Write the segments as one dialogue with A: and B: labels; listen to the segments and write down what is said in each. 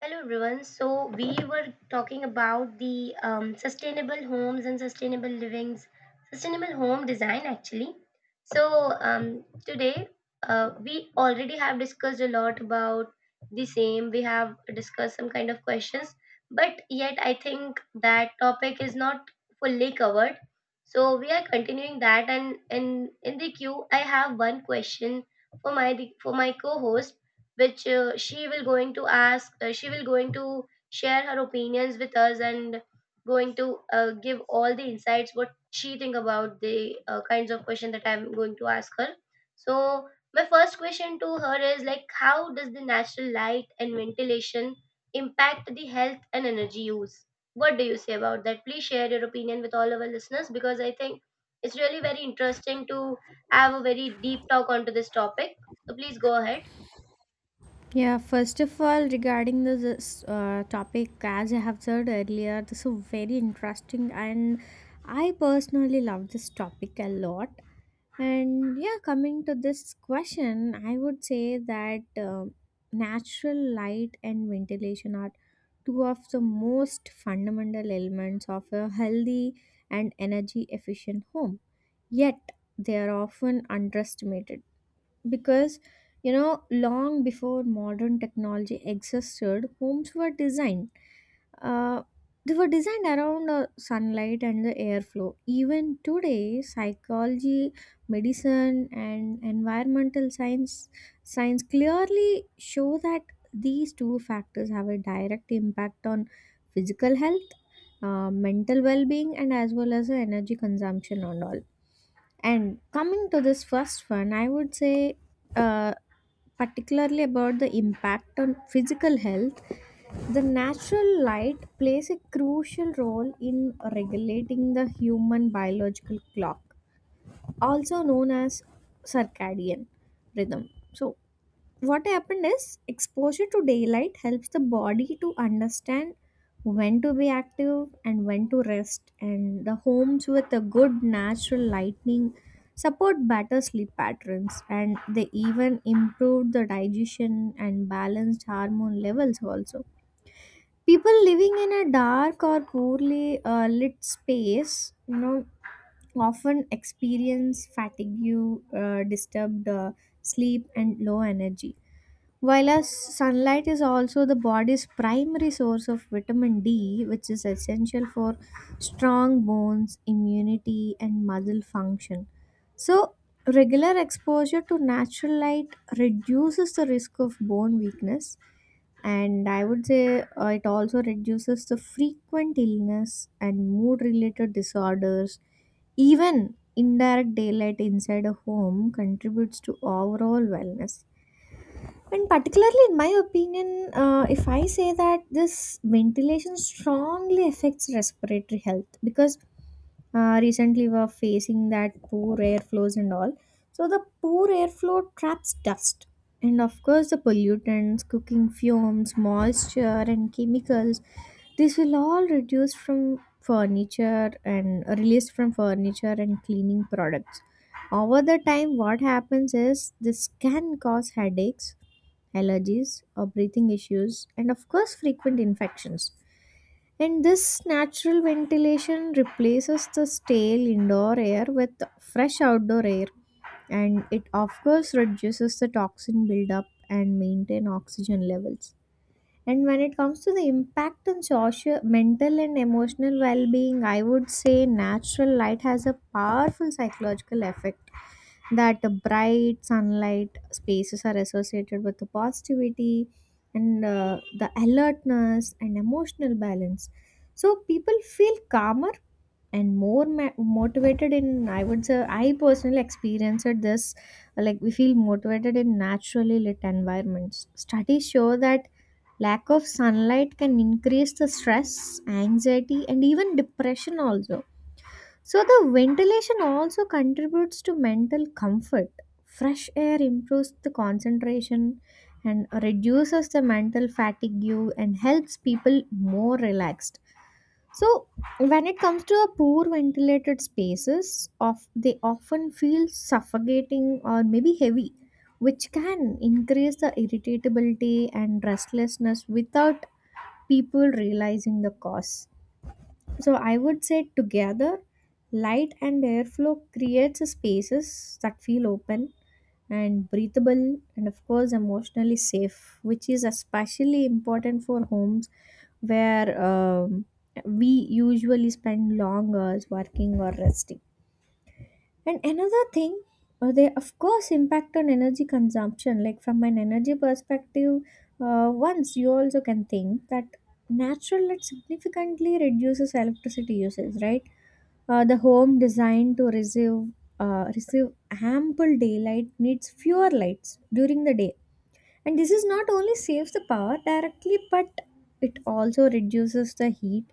A: Hello everyone. So we were talking about the sustainable homes and sustainable livings, sustainable home design actually. So today we already have discussed a lot about the same. We have discussed some kind of questions, but yet I think that topic is not fully covered. So we are continuing that, and in the queue I have one question for my for my co-host which she will going to ask she will going to share her opinions with us and going to give all the insights what she think about the kinds of question that I'm going to ask her. So my first question to her is like, how does the natural light and ventilation impact the health and energy use? What do you say about that? Please share your opinion with all our listeners, because I think it's really very interesting to have a very deep talk onto this topic. So please go ahead.
B: Yeah, first of all, regarding this topic, as I have said earlier, this is very interesting, and I personally love this topic a lot. And yeah, coming to this question, I would say that natural light and ventilation are two of the most fundamental elements of a healthy and energy efficient home. Yet, they are often underestimated because you know long before modern technology existed, homes were designed. uh, they were designed around sunlight and the airflow. Even today, psychology, medicine, and environmental science clearly show that these two factors have a direct impact on physical health, mental well-being, and as well as the energy consumption and all. And coming to this first one, I would say, uh, particularly about the impact on physical health, the natural light plays a crucial role in regulating the human biological clock, also known as circadian rhythm. So, what happened is exposure to daylight helps the body to understand when to be active and when to rest, and the homes with a good natural lighting support better sleep patterns, and they even improve the digestion and balanced hormone levels also. People living in a dark or poorly lit space you know often experience fatigue, disturbed sleep and low energy, while as sunlight is also the body's primary source of vitamin D, which is essential for strong bones, immunity, and muscle function. So, regular exposure to natural light reduces the risk of bone weakness, and I would say it also reduces the frequent illness and mood related disorders. Even indirect daylight inside a home contributes to overall wellness. And particularly, in my opinion, if I say that this ventilation strongly affects respiratory health because recently we are facing that poor airflows and all. So, the poor airflow traps dust and, of course, the pollutants, cooking fumes, moisture, and chemicals. This will all reduce from furniture and released from furniture and cleaning products. Over the time, what happens is this can cause headaches, allergies, or breathing issues, and of course, frequent infections. And this natural ventilation replaces the stale indoor air with fresh outdoor air, and it of course reduces the toxin buildup and maintain oxygen levels. And when it comes to the impact on social, mental, and emotional well being, I would say natural light has a powerful psychological effect. That the bright sunlight spaces are associated with the positivity and the alertness and emotional balance. So people feel calmer and more motivated. In i would say I personally experienced this. Like, we feel motivated in naturally lit environments. Studies show that lack of sunlight can increase the stress, anxiety, and even depression also. So, the ventilation also contributes to mental comfort. Fresh air improves the concentration and reduces the mental fatigue and helps people more relaxed. So, when it comes to a poor ventilated spaces, of they often feel suffocating or maybe heavy, which can increase the irritability and restlessness without people realizing the cause. So I would say together, light and airflow creates spaces that feel open and breathable and of course emotionally safe, which is especially important for homes where we usually spend long hours working or resting. And another thing, they of course impact on energy consumption. Like, from an energy perspective, once you also can think that natural light significantly reduces electricity usage, right? The home designed to receive ample daylight needs fewer lights during the day, and this is not only saves the power directly, but it also reduces the heat.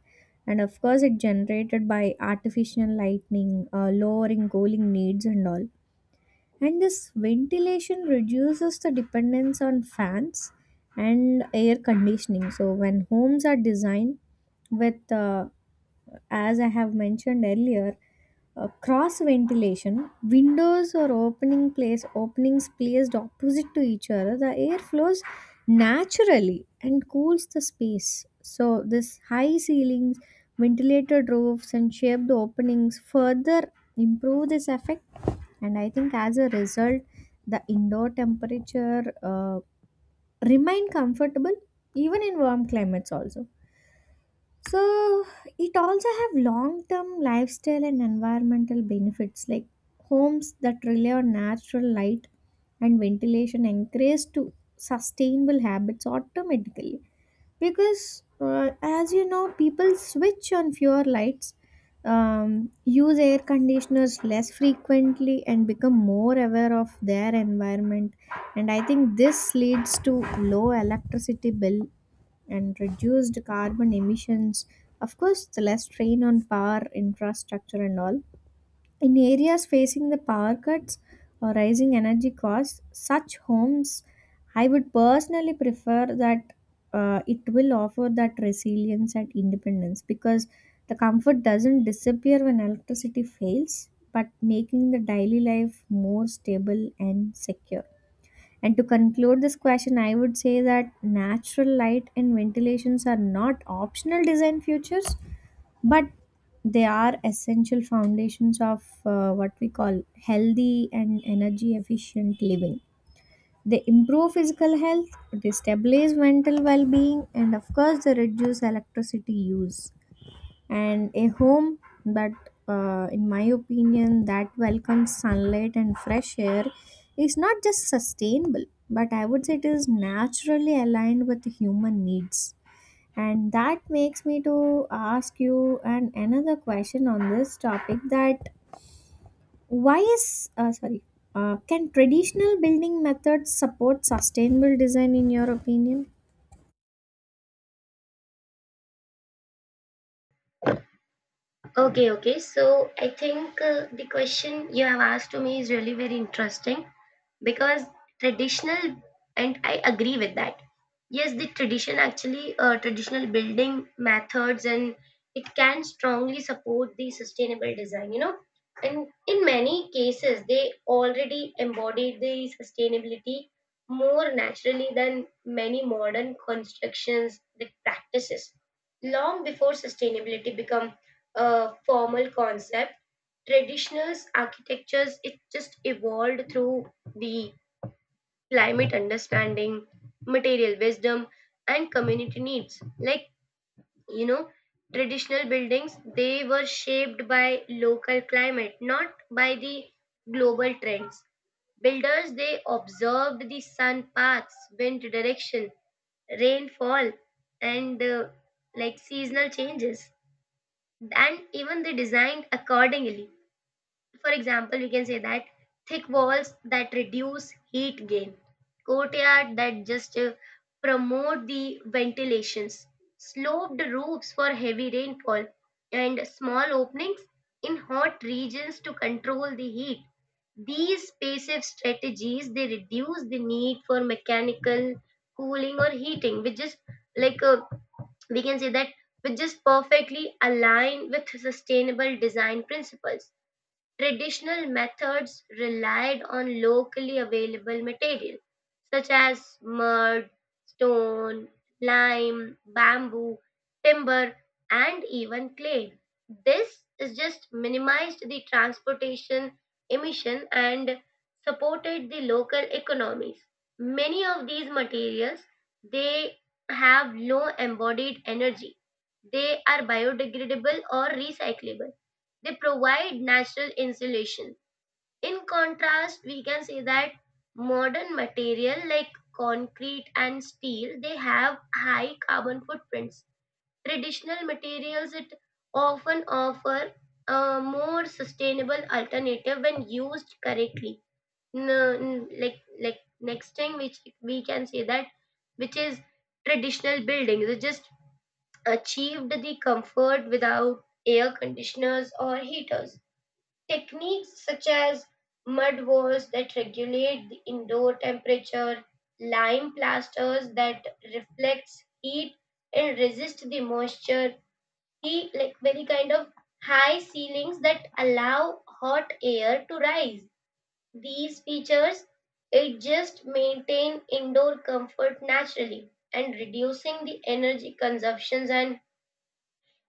B: And of course, it generated by artificial lightning, lowering cooling needs and all. And this ventilation reduces the dependence on fans and air conditioning. So when homes are designed with, as I have mentioned earlier, cross ventilation windows or openings placed opposite to each other, the air flows naturally and cools the space. So this high ceilings, ventilated roofs, and shaped openings further improve this effect. And I think as a result, the indoor temperature remain comfortable even in warm climates also. So it also have long-term lifestyle and environmental benefits, like homes that rely on natural light and ventilation encourage to sustainable habits automatically, because as you know people switch on fewer lights, use air conditioners less frequently, and become more aware of their environment. And I think this leads to low electricity bill and reduced carbon emissions. Of course, the less strain on power infrastructure and all. In areas facing the power cuts or rising energy costs, such homes, I would personally prefer that, it will offer that resilience and independence, because the comfort doesn't disappear when electricity fails, but making the daily life more stable and secure. And to conclude this question, I would say that natural light and ventilations are not optional design features, but they are essential foundations of what we call healthy and energy efficient living. They improve physical health, they stabilize mental well being, and of course, they reduce electricity use. And a home that, in my opinion, that welcomes sunlight and fresh air is not just sustainable, but I would say it is naturally aligned with human needs. And that makes me to ask you an another question on this topic, that why is sorry can traditional building methods support sustainable design, in your opinion?
A: Okay, okay. So I think the question you have asked to me is really very interesting because traditional, and I agree with that. Yes, the tradition actually, traditional building methods, and it can strongly support the sustainable design, you know. And in many cases, they already embody the sustainability more naturally than many modern constructions, the practices. Long before sustainability become a formal concept, traditional architectures, it just evolved through the climate understanding, material wisdom, and community needs. Like, you know, traditional buildings, they were shaped by local climate, not by the global trends. Builders, they observed the sun paths, wind direction, rainfall, and like seasonal changes. And even they designed accordingly, for example, we can say that thick walls that reduce heat gain, courtyard that just promote the ventilations, sloped roofs for heavy rainfall, and small openings in hot regions to control the heat. These passive strategies they reduce the need for mechanical cooling or heating, which is like uh, we can say that which is perfectly aligned with sustainable design principles. Traditional methods relied on locally available material such as mud, stone, lime, bamboo, timber, and even clay. This is just minimized the transportation emission and supported the local economies. Many of these materials they have low embodied energy. They are biodegradable or recyclable, they provide natural insulation. In contrast, we can say that modern material like concrete and steel, they have high carbon footprints. Traditional materials it often offer a more sustainable alternative when used correctly. Like next thing which we can say that which is traditional buildings. It just achieved the comfort without air conditioners or heaters. Techniques such as mud walls that regulate the indoor temperature, lime plasters that reflects heat and resist the moisture, he like very kind of high ceilings that allow hot air to rise. These features it just maintain indoor comfort naturally and reducing the energy consumptions and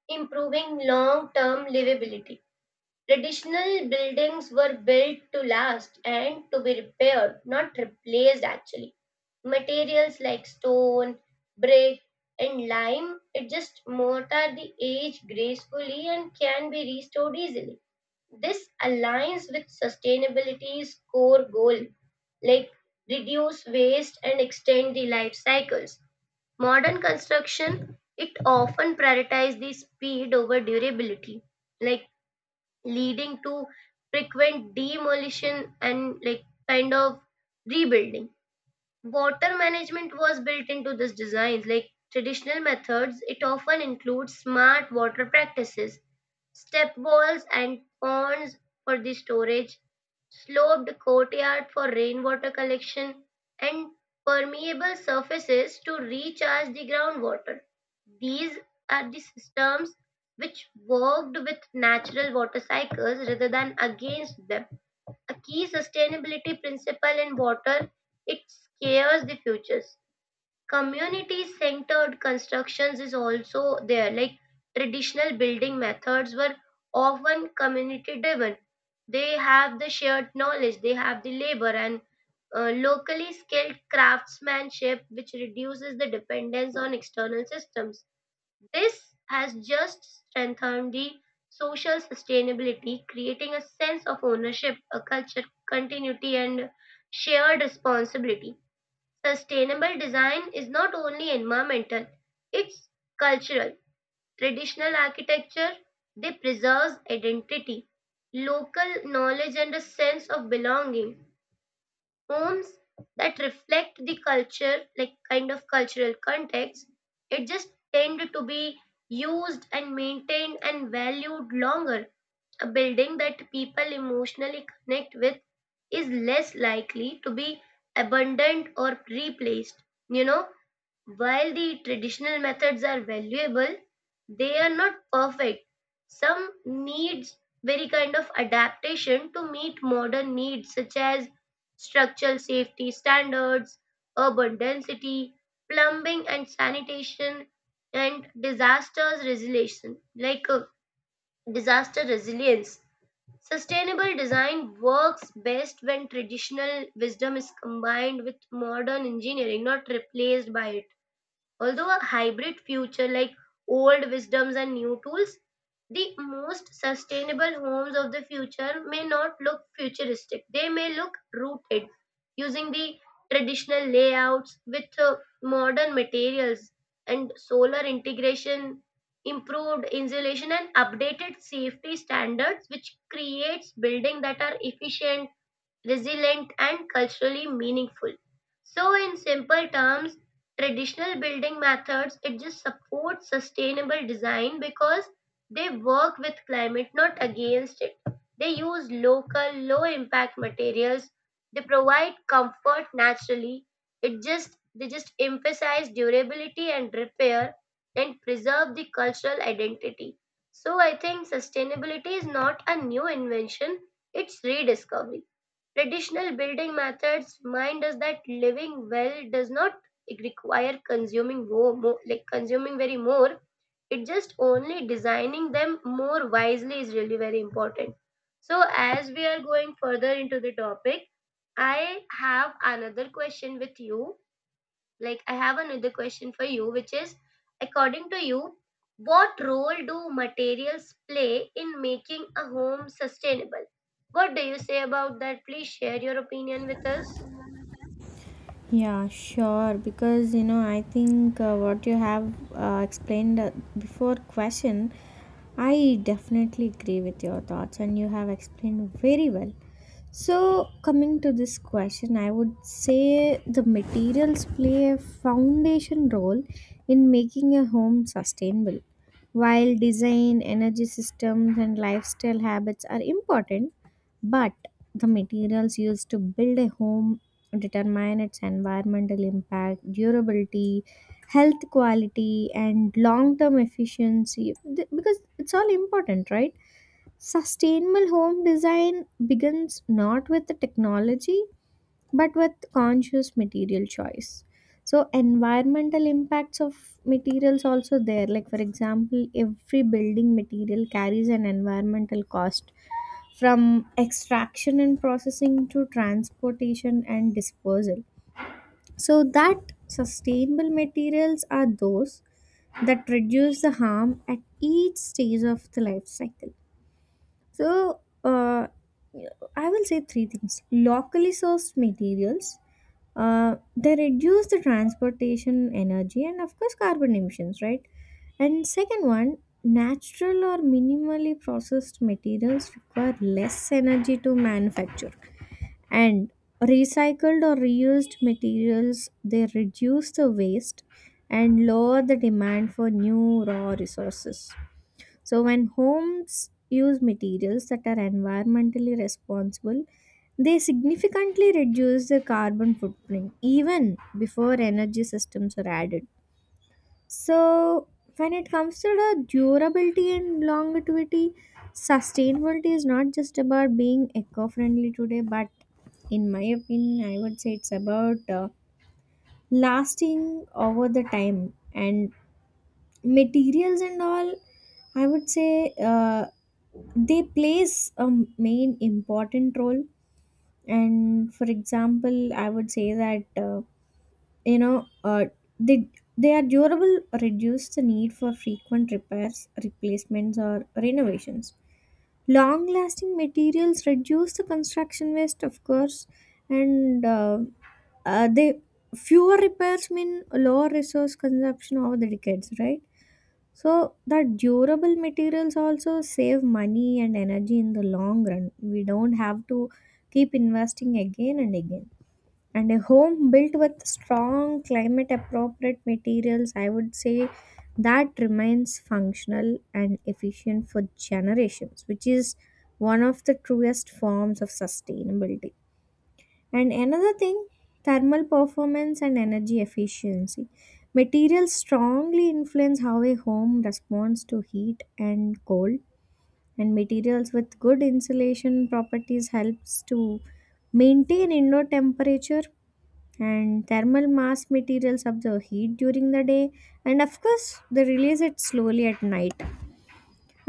A: improving long-term livability. Traditional buildings were built to last and to be repaired, not replaced actually. Materials like stone, brick, and lime adjust mortar the age gracefully and can be restored easily. This aligns with sustainability's core goal, like reduce waste and extend the life cycles. Modern construction it often prioritizes the speed over durability. Like leading to frequent demolition and like kind of rebuilding. Water management was built into this design. Like traditional methods, it often includes smart water practices, step walls and ponds for the storage, sloped courtyard for rainwater collection, and permeable surfaces to recharge the groundwater. These are the systems which worked with natural water cycles rather than against them. A key sustainability principle in water, it scares the futures. Community centered constructions is also there, like traditional building methods were often community driven. They have the shared knowledge, they have the labor and locally skilled craftsmanship, which reduces the dependence on external systems. This has just strengthened the social sustainability, creating a sense of ownership, a culture continuity, and shared responsibility. Sustainable design is not only environmental, it's cultural. Traditional architecture, they preserves identity, local knowledge, and a sense of belonging. Homes that reflect the culture, like kind of cultural context, it just tend to be used and maintained and valued longer. A building that people emotionally connect with is less likely to be abandoned or replaced. You know, while the traditional methods are valuable, they are not perfect. Some needs very kind of adaptation to meet modern needs such as structural safety standards, urban density, plumbing and sanitation, and like uh, disaster resilience. Sustainable design works best when traditional wisdom is combined with modern engineering, not replaced by it. Although a hybrid future like old wisdoms and new tools, the most sustainable homes of the future may not look futuristic. They may look rooted, using the traditional layouts with modern materials and solar integration, improved insulation, and updated safety standards, which creates buildings that are efficient, resilient, and culturally meaningful. So in simple terms, traditional building methods it just supports sustainable design because they work with climate not against it. They use local low impact materials. They provide comfort naturally. It just they just emphasize durability and repair and preserve the cultural identity. So I think sustainability is not a new invention, it's rediscovery. Traditional building methods remind us that living well does not require consuming more, more like consuming very more. It just only designing them more wisely is really very important. So as we are going further into the topic, I have another question with you, like I have another question for you which is, according to you, what role do materials play in making a home sustainable? What do you say about that? Please share your opinion with us.
B: Yeah, sure. Because you know, I think what you have explained before question, I definitely agree with your thoughts, and you have explained very well. So, coming to this question, I would say the materials play a foundation role in making a home sustainable. While design, energy systems, and lifestyle habits are important, but the materials used to build a home determine its environmental impact, durability, health quality, and long term efficiency. Because it's all important, right? Sustainable home design begins not with the technology but with conscious material choice. So, environmental impacts of materials also there. Like, for example, every building material carries an environmental cost from extraction and processing to transportation and disposal, so that sustainable materials are those that reduce the harm at each stage of the life cycle. So I will say three things: locally sourced materials. They reduce the transportation energy and of course carbon emissions, right? And second one, natural or minimally processed materials require less energy to manufacture. And recycled or reused materials, they reduce the waste and lower the demand for new raw resources. So when homes use materials that are environmentally responsible, they significantly reduce the carbon footprint even before energy systems are added. So, when it comes to the durability and longevity, sustainability is not just about being eco friendly today, but in my opinion, I would say it's about, lasting over the time and materials and all. I would say they plays a main important role. And for example, I would say that. You know, uh, they they are durable, reduce the need for frequent repairs, replacements, or renovations. Long lasting materials reduce the construction waste of course. And uh, uh, they fewer repairs mean lower resource consumption over the decades, right? So that durable materials also save money and energy in the long run. We don't have to keep investing again and again. And a home built with strong climate appropriate materials, I would say, that remains functional and efficient for generations, which is one of the truest forms of sustainability. And another thing, thermal performance and energy efficiency. Materials strongly influence how a home responds to heat and cold. And materials with good insulation properties helps to maintain indoor temperature. And thermal mass materials up the heat during the day and of course they release it slowly at night.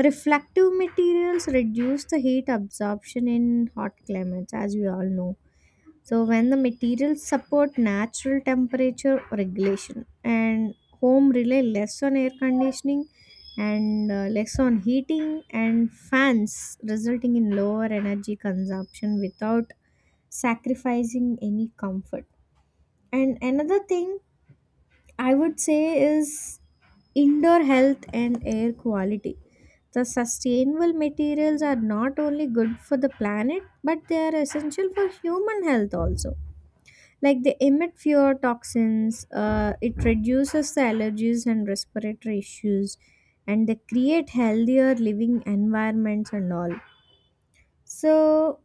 B: Reflective materials reduce the heat absorption in hot climates, as we all know. So when the materials support natural temperature regulation, and home rely less on air conditioning and, less on heating and fans, resulting in lower energy consumption without sacrificing any comfort. And another thing I would say is indoor health and air quality. The sustainable materials are not only good for the planet, but they are essential for human health also. Like, they emit fewer toxins, it reduces the allergies and respiratory issues, and they create healthier living environments and all. So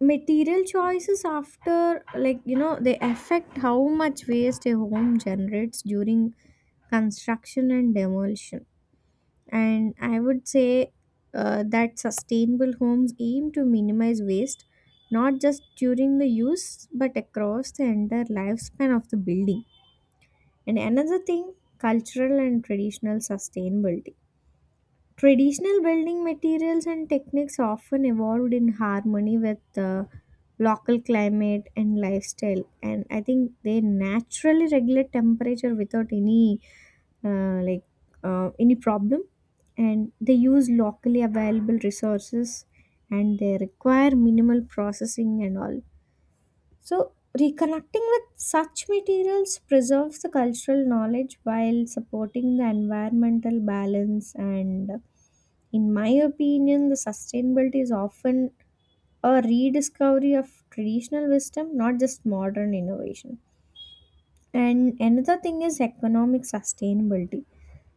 B: material choices after, like you know, they affect how much waste a home generates during construction and demolition. And I would say, that sustainable homes aim to minimize waste not just during the use but across the entire lifespan of the building. And another thing, cultural and traditional sustainability. Traditional building materials and techniques often evolved in harmony with the local climate and lifestyle, and I think they naturally regulate temperature without any, uh, like any problem. And they use locally available resources, and they require minimal processing and all. So reconnecting with such materials preserves the cultural knowledge while supporting the environmental balance. And in my opinion, the sustainability is often a rediscovery of traditional wisdom, not just modern innovation. And another thing is economic sustainability.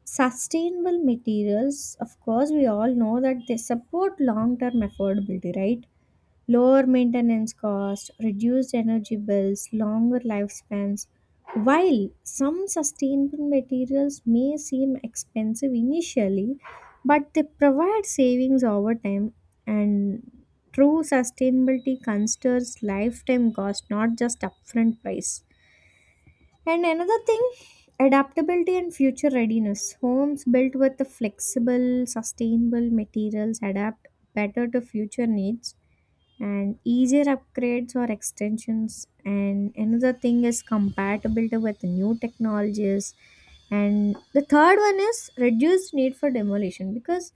B: Sustainable materials, of course, we all know that they support long term affordability, right? Lower maintenance costs, reduced energy bills, longer lifespans. While some sustainable materials may seem expensive initially, but they provide savings over time. And true sustainability considers lifetime cost, not just upfront price. And another thing, adaptability and future readiness. Homes built with the flexible, sustainable materials adapt better to future needs, and easier upgrades or extensions. And another thing is compatibility with new technologies. And the third one is reduced need for demolition, because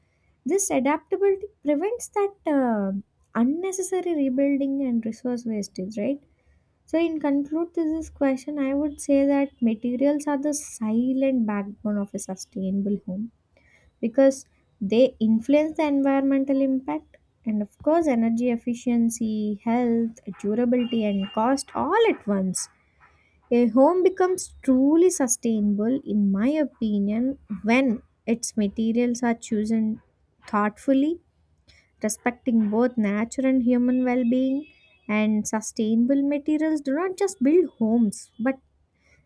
B: this adaptability prevents that, unnecessary rebuilding and resource wastage, right? So in conclude to this is question, I would say that materials are the silent backbone of a sustainable home, because they influence the environmental impact and of course energy efficiency, health, durability, and cost all at once. A home becomes truly sustainable, in my opinion, when its materials are chosen thoughtfully, respecting both nature and human well-being. And sustainable materials do not just build homes, but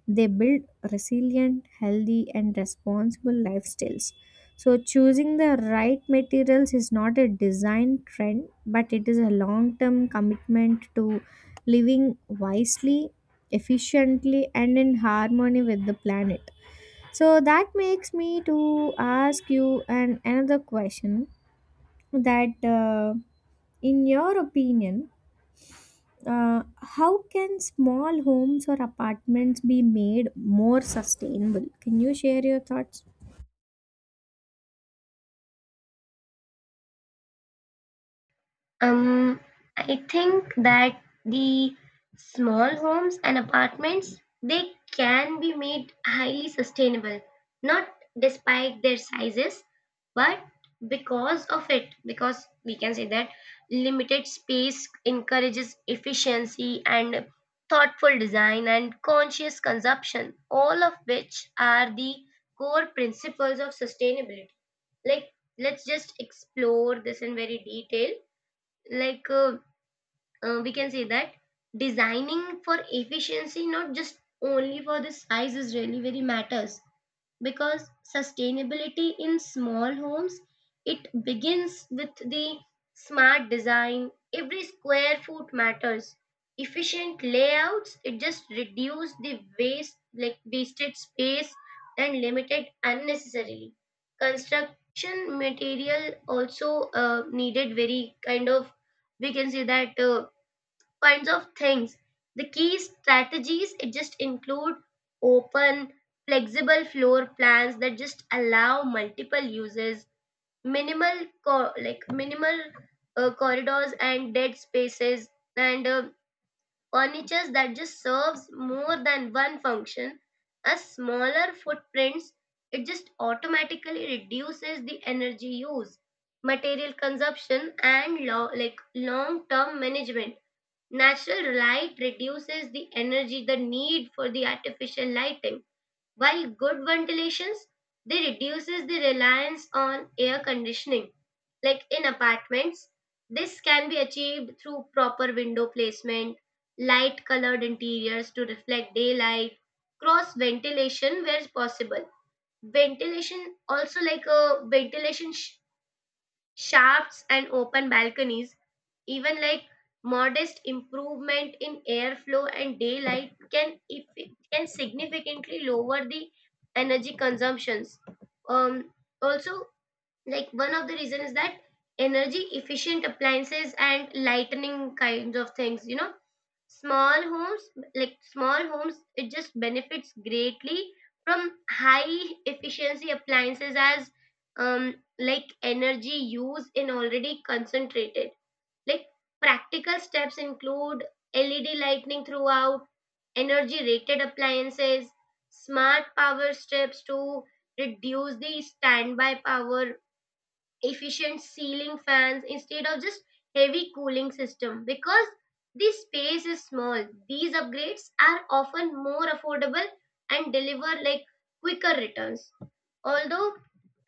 B: they build resilient, healthy, and responsible lifestyles. So, choosing the right materials is not a design trend, but it is a long term commitment to living wisely, efficiently, and in harmony with the planet. So, that makes me to ask you an, another question that, in your opinion, uh, how can small homes or apartments be made more sustainable? Can you share your thoughts?
A: Um, I think that the small homes and apartments they can be made highly sustainable, not despite their sizes, but because of it, because we can say that limited space encourages efficiency and thoughtful design and conscious consumption, all of which are the core principles of sustainability. Like, let's just explore this in very detail. Like we can say that designing for efficiency not just only for the size is really very matters, because sustainability in small homes it begins with the smart design. Every square foot matters. Efficient layouts it just reduce the waste, like wasted space, and limited unnecessarily construction material also needed very kind of, we can say that kinds of things. The key strategies it just include open, flexible floor plans that just allow multiple uses, minimal co- like minimal corridors and dead spaces, and furniture that just serves more than one function. A smaller footprints it just automatically reduces the energy use, material consumption, and long term management. Natural light reduces the energy, the need for the artificial lighting, while good ventilations they reduces the reliance on air conditioning. Like in apartments, this can be achieved through proper window placement, light colored interiors to reflect daylight, cross ventilation where possible. Ventilation also like a ventilation sh- Shafts and open balconies, even like modest improvement in airflow and daylight can, if it can, significantly lower the energy consumptions. Um, Also, like one of the reason is that energy efficient appliances and lightening kinds of things, you know, small homes, like small homes it just benefits greatly from high efficiency appliances as energy use in already concentrated. Like practical steps include LED lighting throughout, energy rated appliances, smart power strips to reduce the standby power, efficient ceiling fans instead of just heavy cooling system. Because the space is small, these upgrades are often more affordable and deliver like quicker returns. Although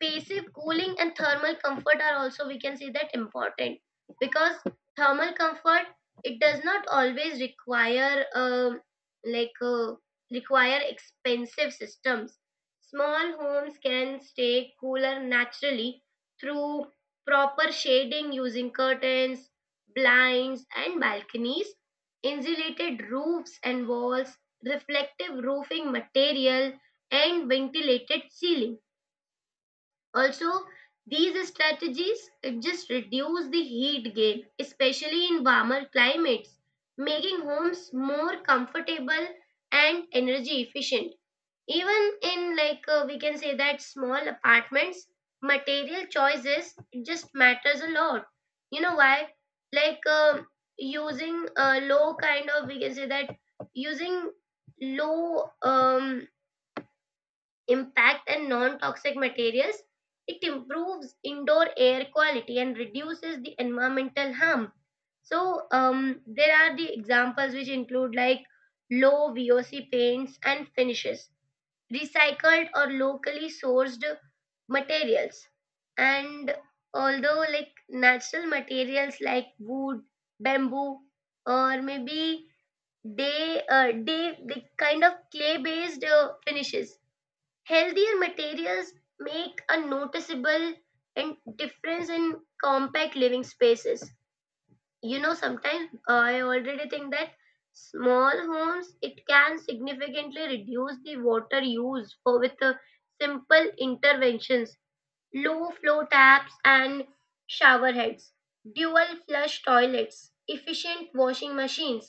A: passive cooling and thermal comfort are also, we can say that, important because thermal comfort it does not always require like uh, require expensive systems. Small homes can stay cooler naturally through proper shading using curtains, blinds, and balconies, insulated roofs and walls, reflective roofing material, and ventilated ceiling. Also, these strategies just reduce the heat gain, especially in warmer climates, making homes more comfortable and energy efficient. Even in we can say that small apartments, material choices just matters a lot. You know why? Like using a low kind of, we can say that, using low impact and non-toxic materials, it improves indoor air quality and reduces the environmental harm. So there are the examples which include like low VOC paints and finishes, recycled or locally sourced materials, and although like natural materials like wood, bamboo, or maybe they the kind of clay based finishes. Healthier materials make a noticeable and difference in compact living spaces. You know, sometimes I already think that small homes it can significantly reduce the water use for with simple interventions. Low flow taps and shower heads, dual flush toilets, efficient washing machines,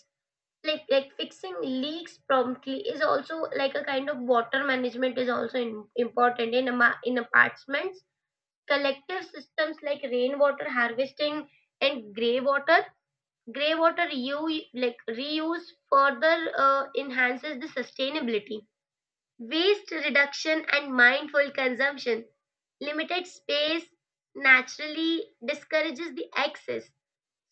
A: like fixing leaks promptly is also like a kind of water management, is also in, important in in apartments. Collective systems like rainwater harvesting and grey water. Grey water reuse further enhances the sustainability. Waste reduction and mindful consumption. Limited space naturally discourages the excess.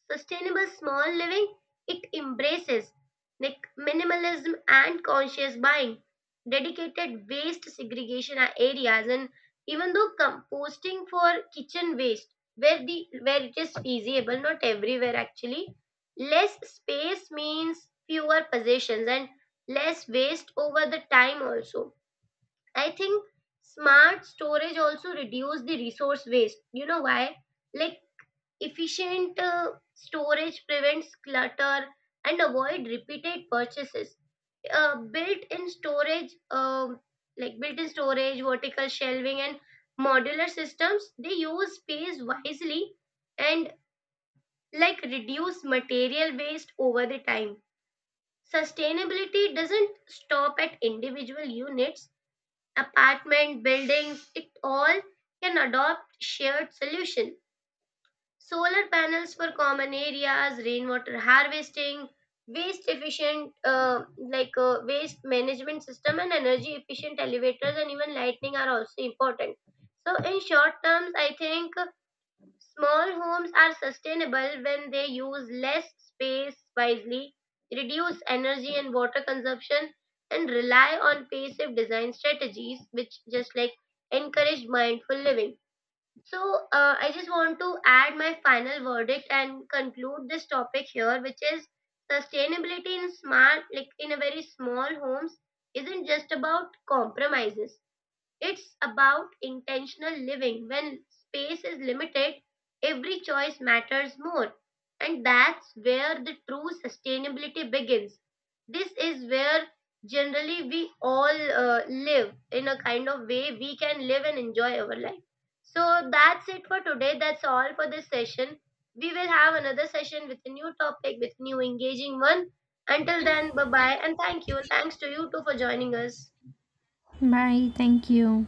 A: Sustainable small living, it embraces like minimalism and conscious buying, dedicated waste segregation areas, and even though composting for kitchen waste, where the where it is feasible, not everywhere actually. Less space means fewer possessions and less waste over the time also. I think smart storage also reduce the resource waste. You know why? Like efficient storage prevents clutter and avoid repeated purchases. Built-in storage, built-in storage, vertical shelving, and modular systems, they use space wisely and like reduce material waste over the time. Sustainability doesn't stop at individual units, apartment, buildings, it all can adopt shared solution. Solar panels for common areas, rainwater harvesting, waste efficient waste management system, and energy efficient elevators and even lighting are also important. So in short terms I think small homes are sustainable when they use less space wisely, reduce energy and water consumption, and rely on passive design strategies which just like encourage mindful living. So, I just want to add my final verdict and conclude this topic here, which is sustainability in smart, like in a very small homes, isn't just about compromises. It's about intentional living. When space is limited, every choice matters more. And that's where the true sustainability begins. This is where generally we all live in a kind of way we can live and enjoy our life. So that's it for today. That's all for this session. We will have another session with a new topic, with new engaging one. Until then, bye bye and thank you. Thanks to you too for joining us.
B: Bye. Thank you.